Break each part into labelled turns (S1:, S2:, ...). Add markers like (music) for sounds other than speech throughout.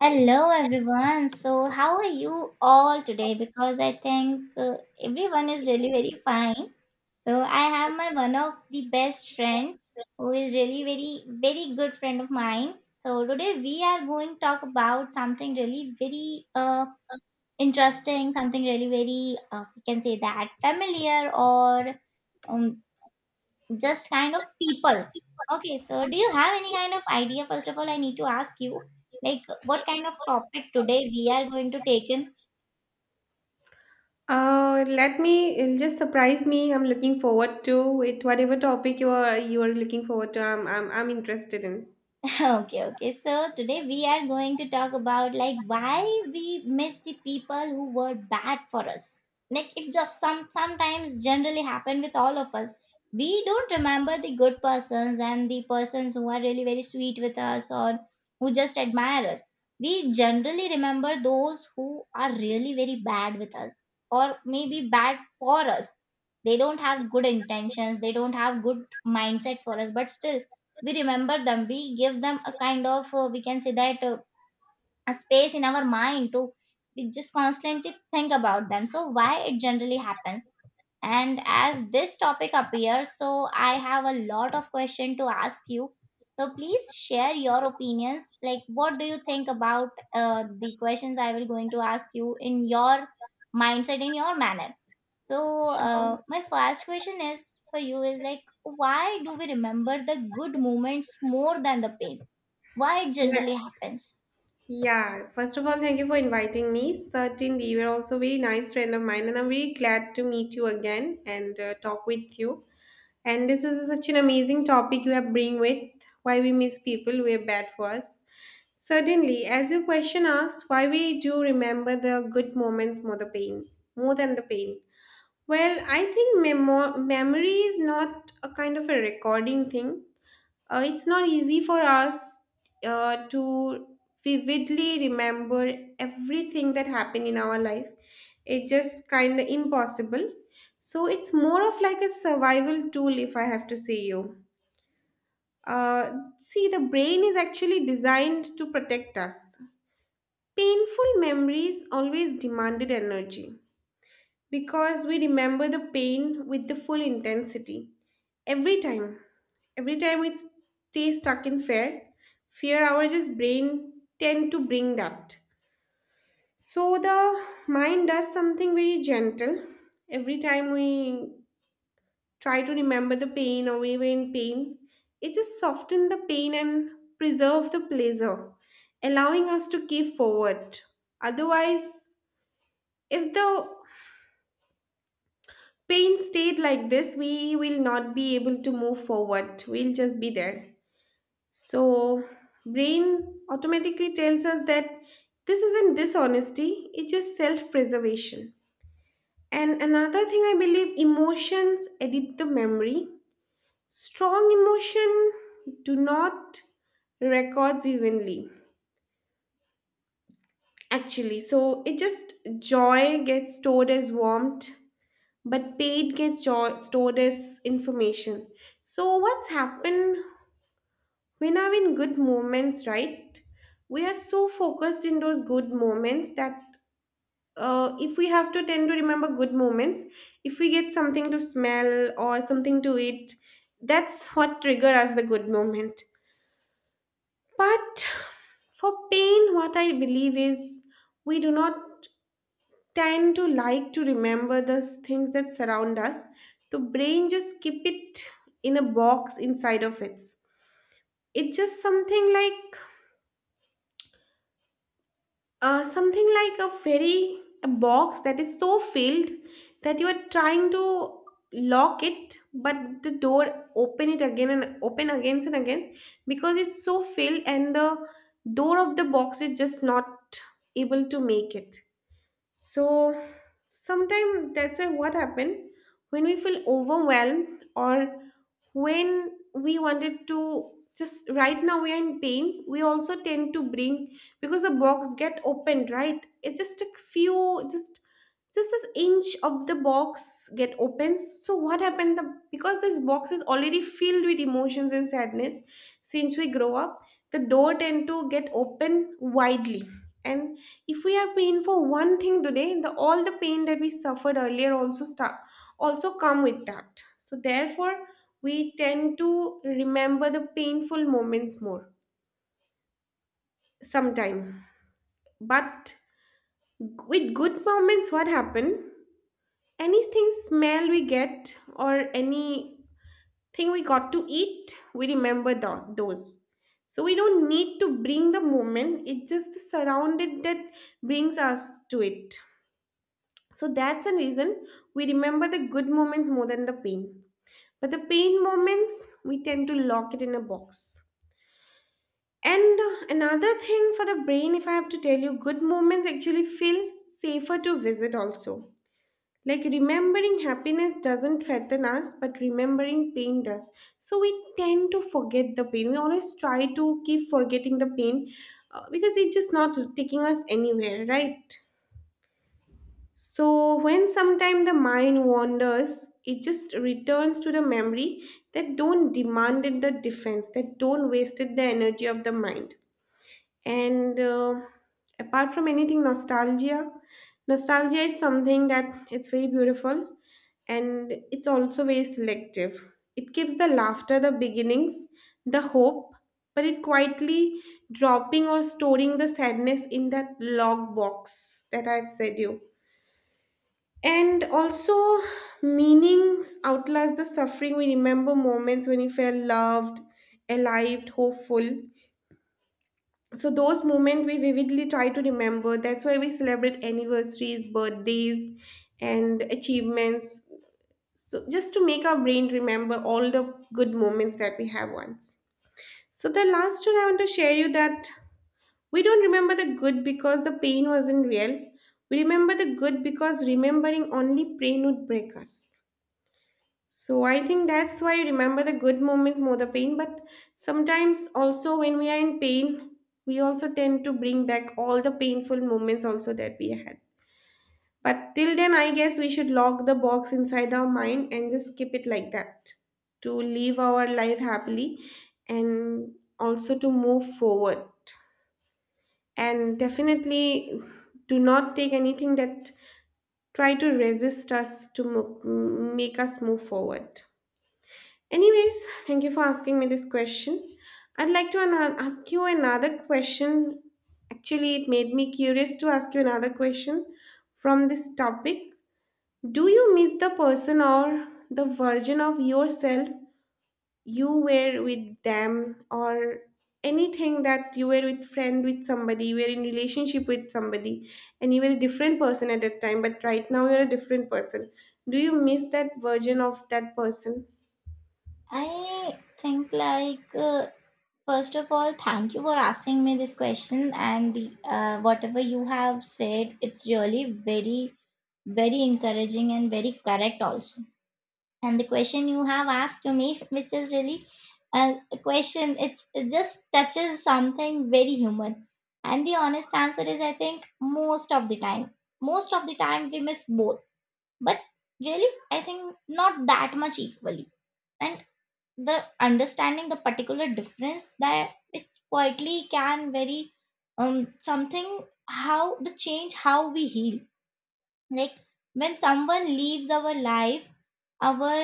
S1: Hello, everyone. So, how are you all today? Because I think everyone is really very fine. So, I have my one of the best friend who is really very very good friend of mine. So, today we are going to talk about something really very interesting, something really very we can say that familiar or um, just kind of people. Okay, so do you have any kind of idea? First of all, I need to ask you, like, what kind of topic today we are going to take in?
S2: Let me it'll just surprise me. I'm looking forward to it. Whatever topic you are looking forward to, I'm interested in.
S1: (laughs) Okay, okay, so today we are going to talk about like why we miss the people who were bad for us, like it just sometimes generally happen with all of us. We don't remember the good persons and the persons who are really very sweet with us, or who just admire us. We generally remember those who are really very bad with us, or maybe bad for us. They don't have good intentions, they don't have good mindset for us, but still we remember them. We give them a kind of we can say that a space in our mind to, we just constantly think about them. So why it generally happens? And as this topic appears, so I have a lot of question to ask you. So please share your opinions, like what do you think about the questions I will going to ask you in your mindset, in your manner. So
S2: Sure.
S1: my first question is for you is like, why do we remember the good moments more than the pain? Why it
S2: Yeah.
S1: generally happens?
S2: Yeah. First of all, thank you for inviting me. Certainly, you're also a very nice friend of mine, and I'm very glad to meet you again and talk with you. And this is such an amazing topic you have bring with why we miss people who are bad for us. Certainly, as your question asks, why we do remember the good moments more the pain, more than the pain. Well, I think memory is not a kind of a recording thing. It's not easy for us to vividly remember everything that happened in our life. It's just kind of impossible. So it's more of like a survival tool, if I have to say you. Uh, see, the brain is actually designed to protect us. Painful memories always demanded energy because we remember the pain with the full intensity. Every time, every time we stay stuck in fear, fear our just brain tend to bring that. So the mind does something very gentle. Every time we try to remember the pain or we were in pain, it just softens the pain and preserve the pleasure, allowing us to keep forward. Otherwise, if the pain state like this, we will not be able to move forward. We'll just be there. So, brain automatically tells us that this isn't dishonesty, it's just self preservation. And another thing I believe emotions edit the memory. Strong emotion do not records evenly actually so it just joy gets stored as warmth but paid gets stored as information. So, what's happened when are in good moments, right? We are so focused in those good moments that if we have to tend to remember good moments, if we get something to smell or something to eat, that's what trigger us the good moment. But for pain, what I believe is we do not tend to like to remember the things that surround us, the brain just keep it in a box inside of it. It's just something like a very a box that is so filled that you are trying to lock it, but the door open it again and open again and again because it's so filled and the door of the box is just not able to make it. So sometimes that's why what happened when we feel overwhelmed or when we wanted to just right now we are in pain we also tend to bring because the box get opened, right? It's just a few just this inch of the box get opens so what happened the because this box is already filled with emotions and sadness since we grow up, the door tend to get open widely. And if we are paying for one thing today, the all the pain that we suffered earlier also start also come with that, so therefore we tend to remember the painful moments more sometime. But with good moments what happen, anything smell we get or any thing we got to eat, we remember the, those. So we don't need to bring the moment, it's just the surrounded that brings us to it. So that's the reason we remember the good moments more than the pain. But the pain moments, we tend to lock it in a box. And another thing for the brain, if I have to tell you, good moments actually feel safer to visit also. Like remembering happiness doesn't threaten us, but remembering pain does. So we tend to forget the pain. We always try to keep forgetting the pain because it's just not taking us anywhere, right? So when sometime the mind wanders, it just returns to the memory that don't demand it the defense, that don't waste it the energy of the mind. And apart from anything, nostalgia. Nostalgia is something that it's very beautiful and it's also very selective. It gives the laughter the beginnings, the hope, but it quietly dropping or storing the sadness in that log box that I've said you. And also, meanings outlast the suffering. We remember moments when we felt loved, alive, hopeful. So those moments we vividly try to remember. That's why we celebrate anniversaries, birthdays, and achievements. So just to make our brain remember all the good moments that we have once. So the last one I want to share you that we don't remember the good because the pain wasn't real. We remember the good because remembering only pain would break us. So I think that's why I remember the good moments more the pain. But sometimes also when we are in pain, we also tend to bring back all the painful moments also that we had. But till then, I guess we should lock the box inside our mind and just keep it like that to live our life happily and also to move forward. And definitely do not take anything that try to resist us to make us move forward. Anyways, thank you for asking me this question. I'd like to ask you another question. Actually, it made me curious to ask you another question from this topic. Do you miss the person or the version of yourself you were with them or anything that you were with friend with somebody, you were in relationship with somebody and you were a different person at that time, but right now you're a different person. Do you miss that version of that person?
S1: I think like first of all, thank you for asking me this question, and whatever you have said, it's really very, very encouraging and very correct also. And the question you have asked to me, which is really a a question, it just touches something very human. And the honest answer is, I think most of the time, most of the time we miss both, but really, I think not that much equally. And the understanding the particular difference that it quietly can vary, something how the change how we heal, like when someone leaves our life, our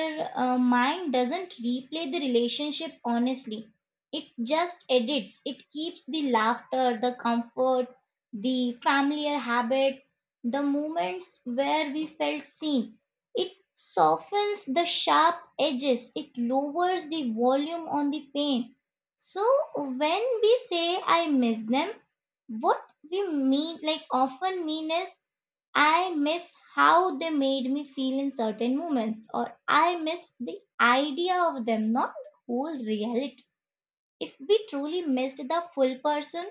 S1: mind doesn't replay the relationship honestly. It just edits. It keeps the laughter, the comfort, the familiar habit, the moments where we felt seen. It softens the sharp edges. It lowers the volume on the pain. So when we say I miss them, what we mean like often mean is, I miss how they made me feel in certain moments, or I miss the idea of them, not the whole reality. If we truly missed the full person,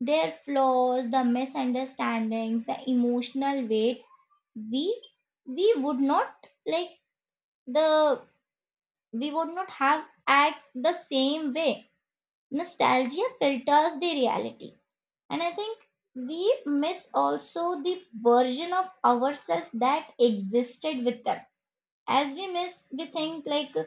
S1: their flaws, the misunderstandings, the emotional weight, we we would not like the we would not have act the same way. Nostalgia filters the reality, and I think we miss also the version of ourselves that existed with them. As we miss, we think like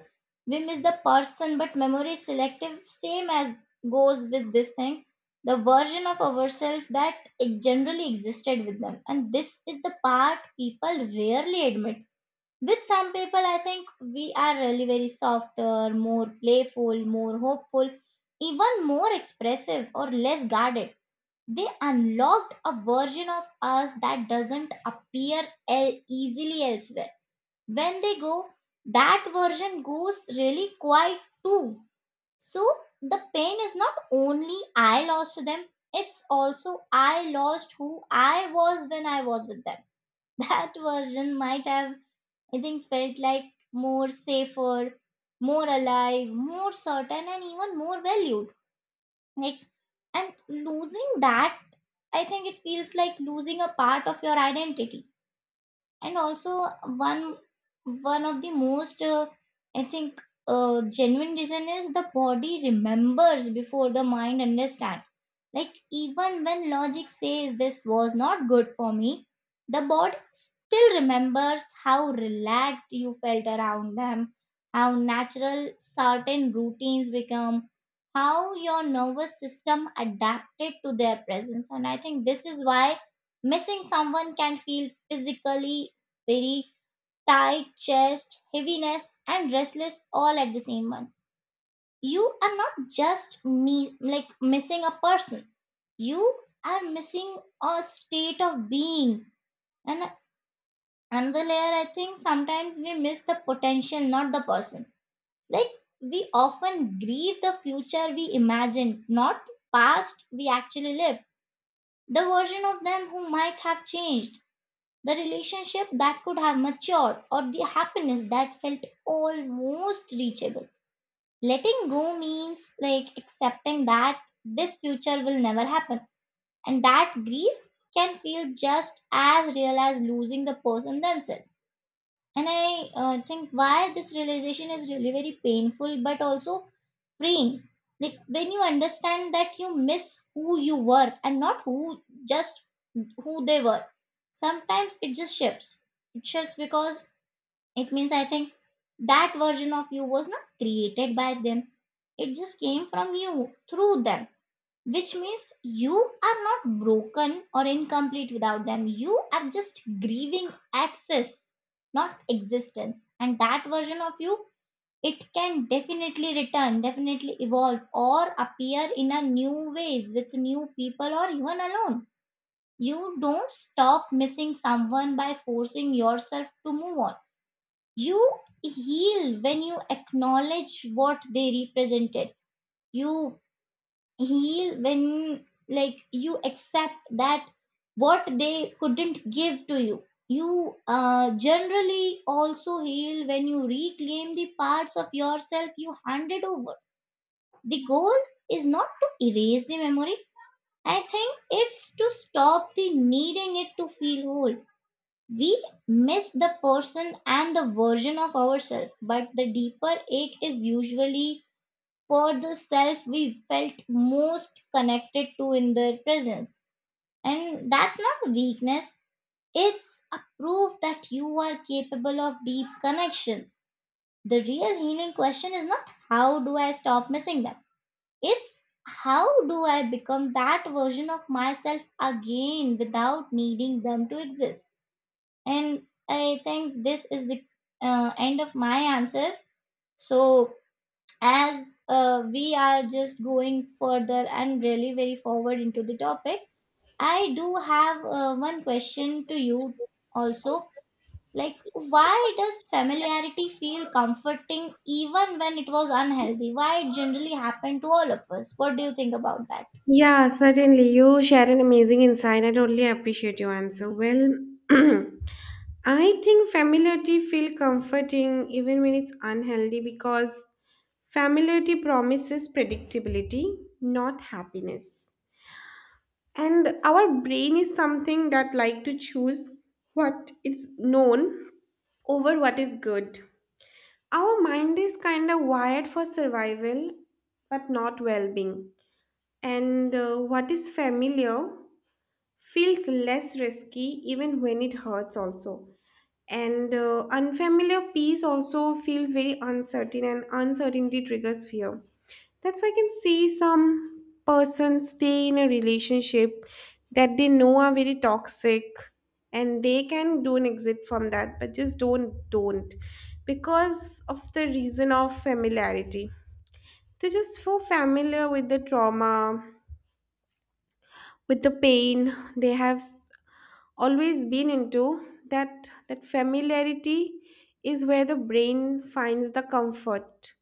S1: we miss the person, but memory is selective, same as goes with this thing. The version of ourselves that it generally existed with them. And this is the part people rarely admit. With some people, I think we are really very softer, more playful, more hopeful, even more expressive or less guarded. They unlocked a version of us that doesn't appear easily elsewhere. When they go, that version goes really quiet too. So the pain is not only I lost them, it's also I lost who I was when I was with them. (laughs) That version might have, I think, felt like more safer, more alive, more certain, and even more valued, like, and losing that, I think it feels like losing a part of your identity. And also, one one of the most I think genuine reason is the body remembers before the mind understand. Like even when logic says this was not good for me, the body still remembers how relaxed you felt around them, how natural certain routines become, how your nervous system adapted to their presence. And I think this is why missing someone can feel physically very tight chest, heaviness, and restless all at the same one. You are not just me like missing a person. You are missing a state of being. And another layer, I think sometimes we miss the potential, not the person. Like we often grieve the future we imagine, not the past we actually lived. The version of them who might have changed, the relationship that could have matured, or the happiness that felt almost reachable, letting go means like accepting that this future will never happen, and that grief can feel just as real as losing the person themselves. And I think why this realization is really very painful but also freeing. Like when you understand that you miss who you were and not who just who they were. Sometimes it just shifts. It shifts because it means, I think, that version of you was not created by them. It just came from you through them, which means you are not broken or incomplete without them. You are just grieving access, not existence. And that version of you, it can definitely return, definitely evolve, or appear in a new ways with new people or even alone. You don't stop missing someone by forcing yourself to move on. You heal when you acknowledge what they represented. You heal when like you accept that what they couldn't give to you, you generally also heal when you reclaim the parts of yourself you handed over. The goal is not to erase the memory, I think it's to stop the needing it to feel whole. We miss the person and the version of ourselves, but the deeper ache is usually for the self we felt most connected to in their presence. And that's not weakness, it's a proof that you are capable of deep connection. The real healing question is not how do I stop missing them, it's how do I become that version of myself again without needing them to exist. And I think this is the end of my answer. So, as we are just going further and really very forward into the topic, I do have one question to you also, like why does familiarity feel comforting even when it was unhealthy? Why it generally happened to all of us? What do you think about that?
S2: Yeah, certainly. You share an amazing insight. I totally appreciate your answer. Well, (clears throat) I think familiarity feel comforting even when it's unhealthy because familiarity promises predictability, not happiness. And our brain is something that like to choose what is known over what is good. Our mind is kind of wired for survival, but not well-being. And what is familiar feels less risky even when it hurts also, and unfamiliar peace also feels very uncertain and uncertainty triggers fear. That's why I can see some persons stay in a relationship that they know are very toxic, and they can do an exit from that but just don't because of the reason of familiarity. They're just so familiar with the trauma, with the pain they have always been into, that that familiarity is where the brain finds the comfort.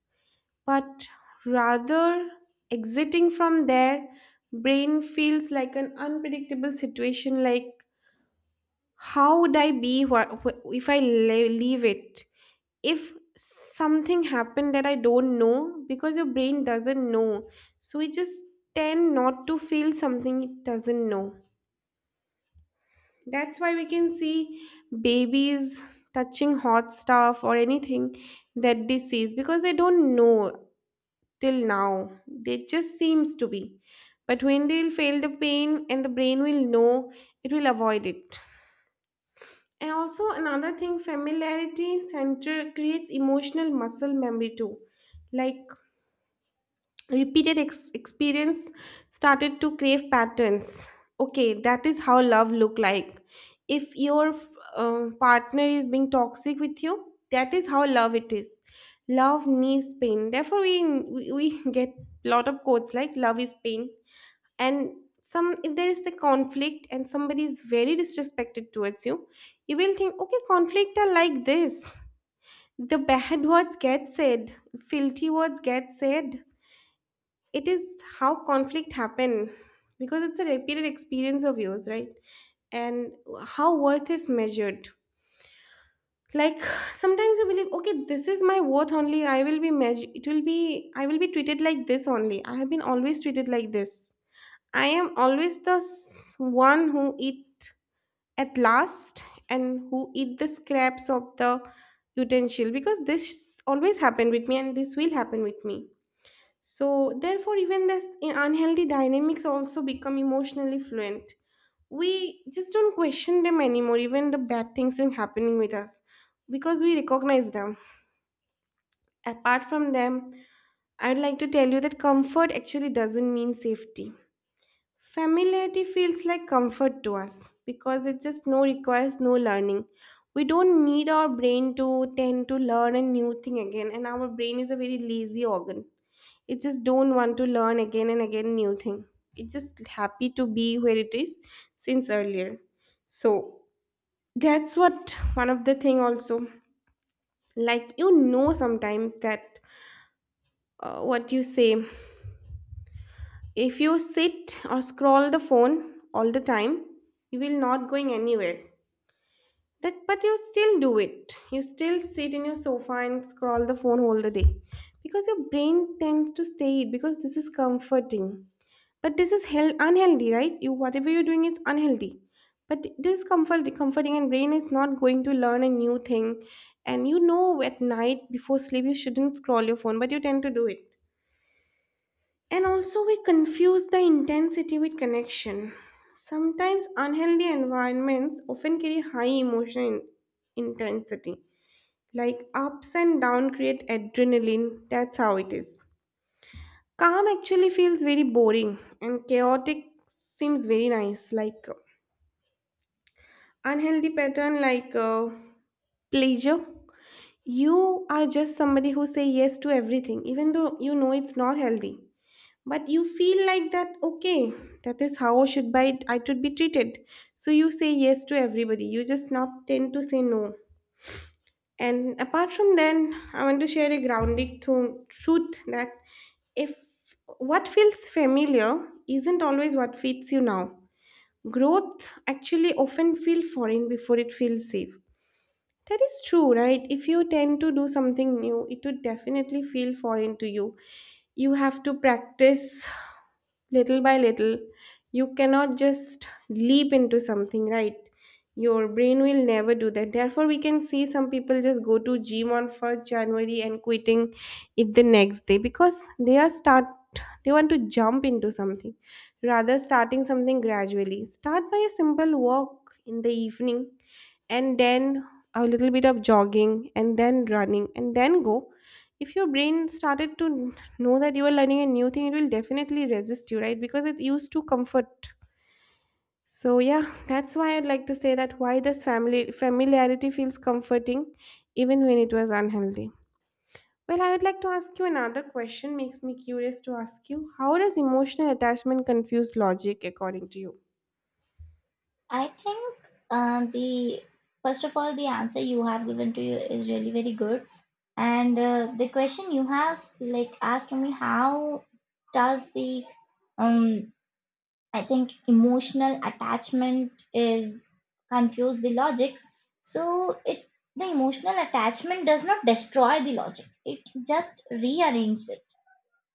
S2: But rather exiting from there, brain feels like an unpredictable situation, like how would I be if I leave it, if something happened that I don't know, because your brain doesn't know. So it just tend not to feel something it doesn't know. That's why we can see babies touching hot stuff or anything that they sees because they don't know till now. They just seems to be. But when they'll feel the pain and the brain will know, it will avoid it. And also another thing, familiarity center creates emotional muscle memory too. Like repeated experience started to crave patterns. Okay, that is how love look like. If your partner is being toxic with you, that is how love it is. Love needs pain. Therefore, we (laughs) get lot of quotes like "love is pain." And some if there is a conflict and somebody is very disrespected towards you, you will think, okay, conflict are like this. The bad words get said, filthy words get said, it is how conflict happen, because it's a repeated experience of yours, right? And how worth is measured, like (sighs) sometimes you believe, okay, this is my worth only, I will be measured, it will be, I will be treated like this only, I have been always treated like this, I am always the one who eat at last and who eat the scraps of the utensil because this always happened with me and this will happen with me. So, therefore, even this unhealthy dynamics also become emotionally fluent. We just don't question them anymore, even the bad things are happening with us, because we recognize them. Apart from them, I'd like to tell you that comfort actually doesn't mean safety. Familiarity feels like comfort to us because it just no requires no learning. We don't need our brain to tend to learn a new thing again, and our brain is a very lazy organ, it just don't want to learn again and again new thing, it's just happy to be where it is since earlier. So that's what one of the thing also, like you know sometimes that what you say, if you sit or scroll the phone all the time, you will not going anywhere. That, but you still do it. You still sit in your sofa and scroll the phone all the day because your brain tends to stay it because this is comforting. But this is hell unhealthy, right? You whatever you're doing is unhealthy. But this is comforting and brain is not going to learn a new thing. And you know at night before sleep you shouldn't scroll your phone, but you tend to do it. And also, we confuse the intensity with connection. Sometimes, unhealthy environments often carry high emotional intensity, like ups and downs create adrenaline. That's how it is. Calm actually feels very boring, and chaotic seems very nice. Unhealthy pattern, pleasure. You are just somebody who say yes to everything, even though you know it's not healthy. But you feel like that okay, that is how I should be treated. So you say yes to everybody, you just not tend to say no. And apart from then I want to share a grounding truth that if what feels familiar isn't always what fits you now. Growth actually often feels foreign before it feels safe. That is true, right? If you tend to do something new, it would definitely feel foreign to you. You have to practice little by little. You cannot just leap into something, right? Your brain will never do that. Therefore, we can see some people just go to gym on 1st January and quitting it the next day because they are start they want to jump into something rather starting something gradually. Start by a simple walk in the evening, and then a little bit of jogging and then running and then go. If your brain started to know that you are learning a new thing, it will definitely resist you, right? Because it's used to comfort. So yeah, that's why I'd like to say that why this family familiarity feels comforting even when it was unhealthy. Well, I would like to ask you another question, makes me curious to ask you, how does emotional attachment confuse logic according to you?
S1: I think the first of all, the answer you have given to you is really very good. And the question you have like asked to me, how does the um I think emotional attachment is confuse the logic. So it the emotional attachment does not destroy the logic. It just rearranges it.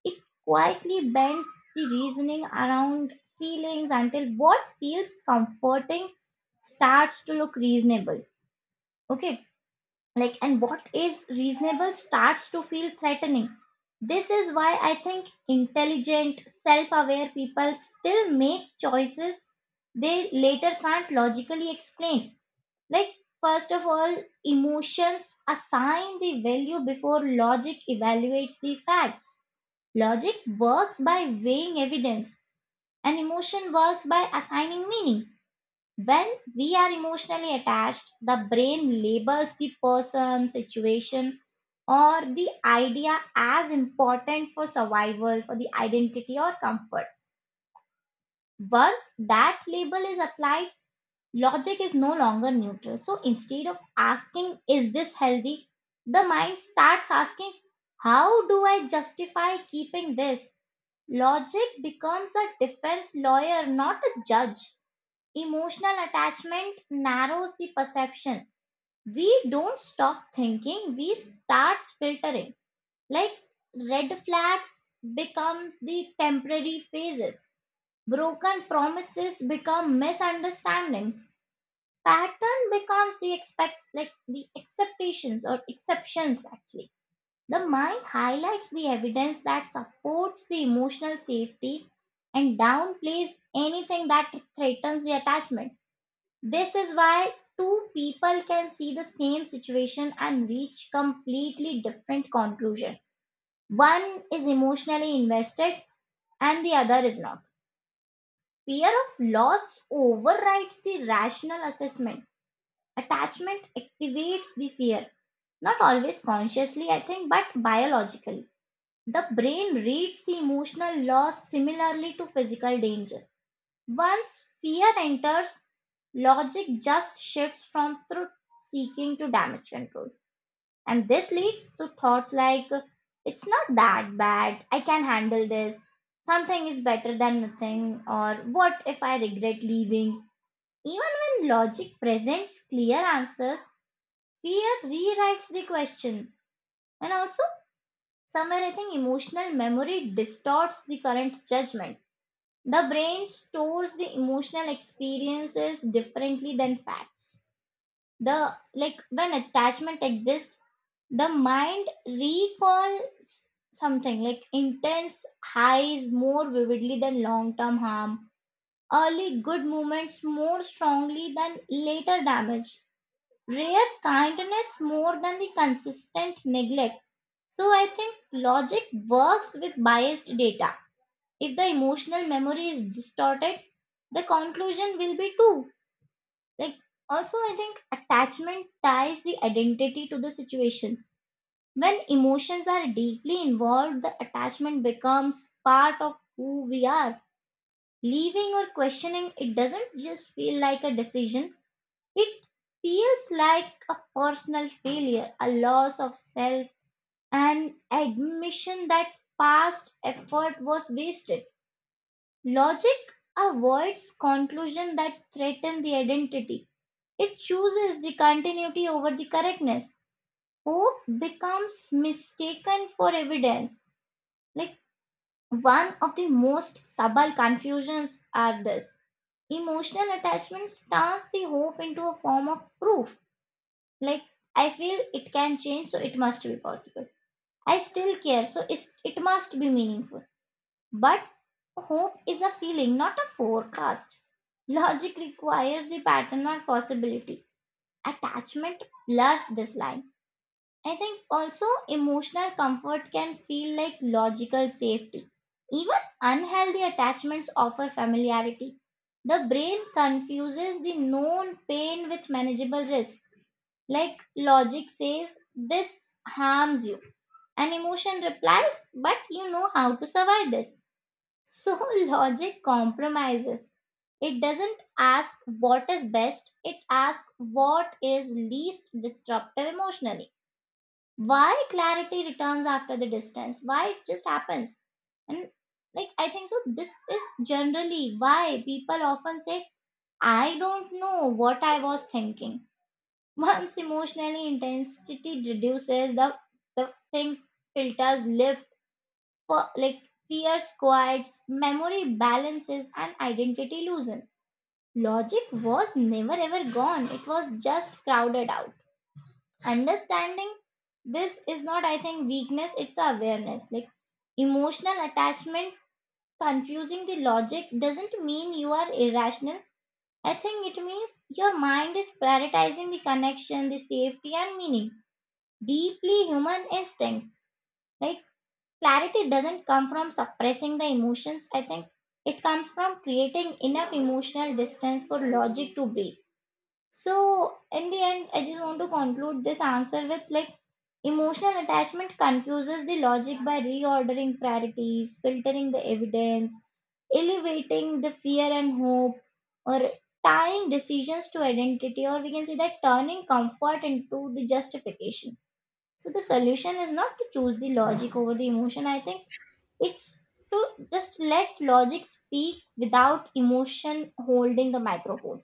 S1: It quietly bends the reasoning around feelings until what feels comforting starts to look reasonable. Okay, like and what is reasonable starts to feel threatening. This is why I think intelligent self-aware people still make choices they later can't logically explain. Like first of all, emotions assign the value before logic evaluates the facts. Logic works by weighing evidence, and emotion works by assigning meaning. When we are emotionally attached, the brain labels the person, situation, or the idea as important for survival, for the identity or comfort. Once that label is applied, logic is no longer neutral. So instead of asking, is this healthy? The mind starts asking, how do I justify keeping this? Logic becomes a defense lawyer, not a judge. Emotional attachment narrows the perception. We don't stop thinking, we start filtering. Like red flags becomes the temporary phases. Broken promises become misunderstandings. Pattern becomes the expect like the expectations or exceptions actually. The mind highlights the evidence that supports the emotional safety and downplays anything that threatens the attachment. This is why two people can see the same situation and reach completely different conclusion. One is emotionally invested and the other is not. Fear of loss overrides the rational assessment. Attachment activates the fear, not always consciously, I think, but biologically. The brain reads the emotional loss similarly to physical danger. Once fear enters, logic just shifts from truth seeking to damage control. And this leads to thoughts like, it's not that bad, I can handle this, something is better than nothing, or what if I regret leaving? Even when logic presents clear answers, fear rewrites the question. And also, somewhere I think emotional memory distorts the current judgment. The brain stores the emotional experiences differently than facts. The Like when attachment exists, the mind recalls something like intense highs more vividly than long term harm, early good moments more strongly than later damage, rare kindness more than the consistent neglect. So I think logic works with biased data. If the emotional memory is distorted, the conclusion will be too. Like, also I think attachment ties the identity to the situation. When emotions are deeply involved, the attachment becomes part of who we are. Leaving or questioning it doesn't just feel like a decision, it feels like a personal failure, a loss of self, an admission that past effort was wasted. Logic avoids conclusions that threaten the identity. It chooses the continuity over the correctness. Hope becomes mistaken for evidence. Like one of the most subtle confusions are this. Emotional attachments turns the hope into a form of proof. Like I feel it can change, so it must be possible. I still care, so it must be meaningful. But hope is a feeling, not a forecast. Logic requires the pattern, not possibility. Attachment blurs this line. I think also emotional comfort can feel like logical safety. Even unhealthy attachments offer familiarity. The brain confuses the known pain with manageable risk. Like logic says, this harms you. And emotion replies, but you know how to survive this. So (laughs) logic compromises. It doesn't ask what is best, it asks what is least disruptive emotionally. Why clarity returns after the distance? Why it just happens? And like I think so this is generally why people often say, I don't know what I was thinking. (laughs) Once emotionally intensity reduces the things filters live like fear squats, memory balances, and identity loosen. Logic was never ever gone, it was just crowded out. Understanding this is not, I think, weakness, it's awareness. Like emotional attachment, confusing the logic doesn't mean you are irrational. I think it means your mind is prioritizing the connection, the safety, and meaning. Deeply human instincts. Like clarity doesn't come from suppressing the emotions, I think. It comes from creating enough emotional distance for logic to breathe. So, in the end, I just want to conclude this answer with like emotional attachment confuses the logic by reordering priorities, filtering the evidence, elevating the fear and hope, or tying decisions to identity, or we can say that turning comfort into the justification. So, the solution is not to choose the logic over the emotion, I think it's to just let logic speak without emotion holding the microphone.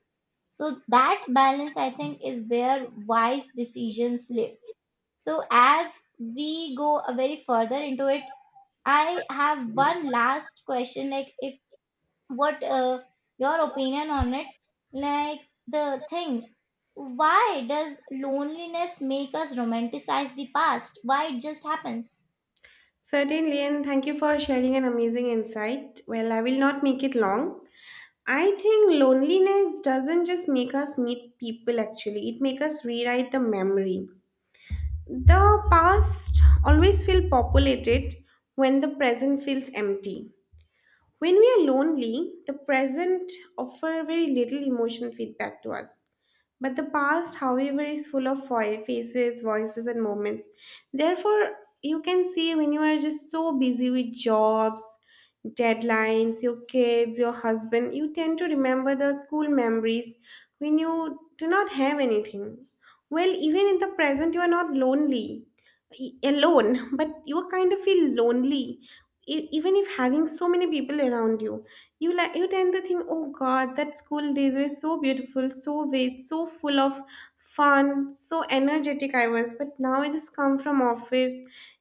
S1: So that balance, I think, is where wise decisions live. So as we go a very further into it, I have one last question. Like, if what your opinion on it? Like the thing, why does loneliness make us romanticize the past? Why it just happens?
S2: Certainly, and thank you for sharing an amazing insight. Well, I will not make it long. I think loneliness doesn't just make us meet people actually, it makes us rewrite the memory. The past always feels populated when the present feels empty. When we are lonely, the present offer very little emotional feedback to us. But the past, however, is full of faces, voices, and moments. Therefore, you can see when you are just so busy with jobs, deadlines, your kids, your husband, you tend to remember the school memories when you do not have anything. Well, even in the present, you are not alone but you kind of feel lonely. Even if having so many people around you, you like you tend to think, oh god, that school days were so beautiful, so wait, so full of fun, so energetic I was, but now I just come from office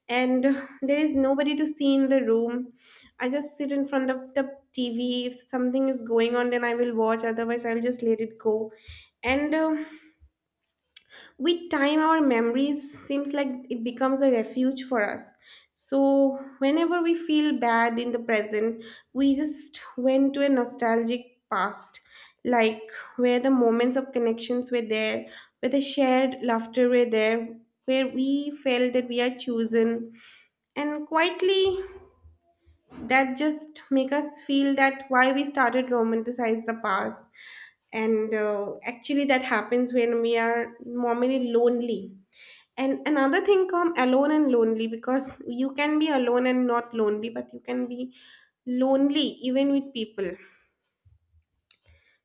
S2: and (sighs) there is nobody to see in the room. I just sit in front of the tv, if something is going on then I will watch, otherwise I'll just let it go. And with time our memories seems like it becomes a refuge for us. So whenever we feel bad in the present, we just went to a nostalgic past, like where the moments of connections were there, where the shared laughter were there, where we felt that we are chosen. And quietly, that just make us feel that why we started romanticize the past. And actually that happens when we are normally lonely. And another thing, come alone and lonely, because you can be alone and not lonely, but you can be lonely even with people.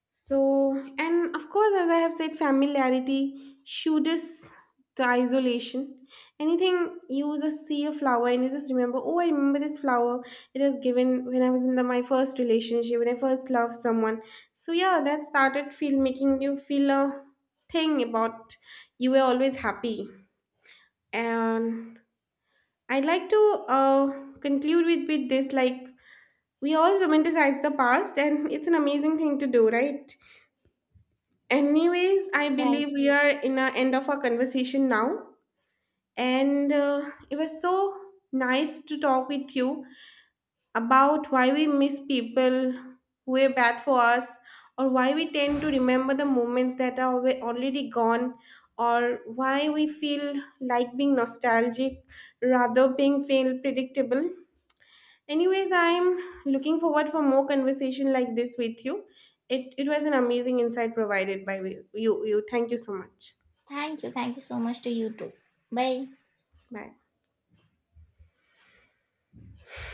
S2: So, and of course, as I have said, familiarity shoots the isolation. Anything, you just see a flower and you just remember, oh, I remember this flower. It was given when I was in the, my first relationship, when I first loved someone. So yeah, that started feel making you feel a thing about you were always happy. And I'd like to conclude with this like, we all romanticize the past, and it's an amazing thing to do, right? Anyways, I
S1: Right.
S2: believe we are in the end of our conversation now. And it was so nice to talk with you about why we miss people who were bad for us, or why we tend to remember the moments that are already gone, or why we feel like being nostalgic rather being feel predictable. Anyways, I'm looking forward for more conversation like this with you. It was an amazing insight provided by you. You thank you so much.
S1: Thank you. Thank you so much to you too. Bye.
S2: Bye.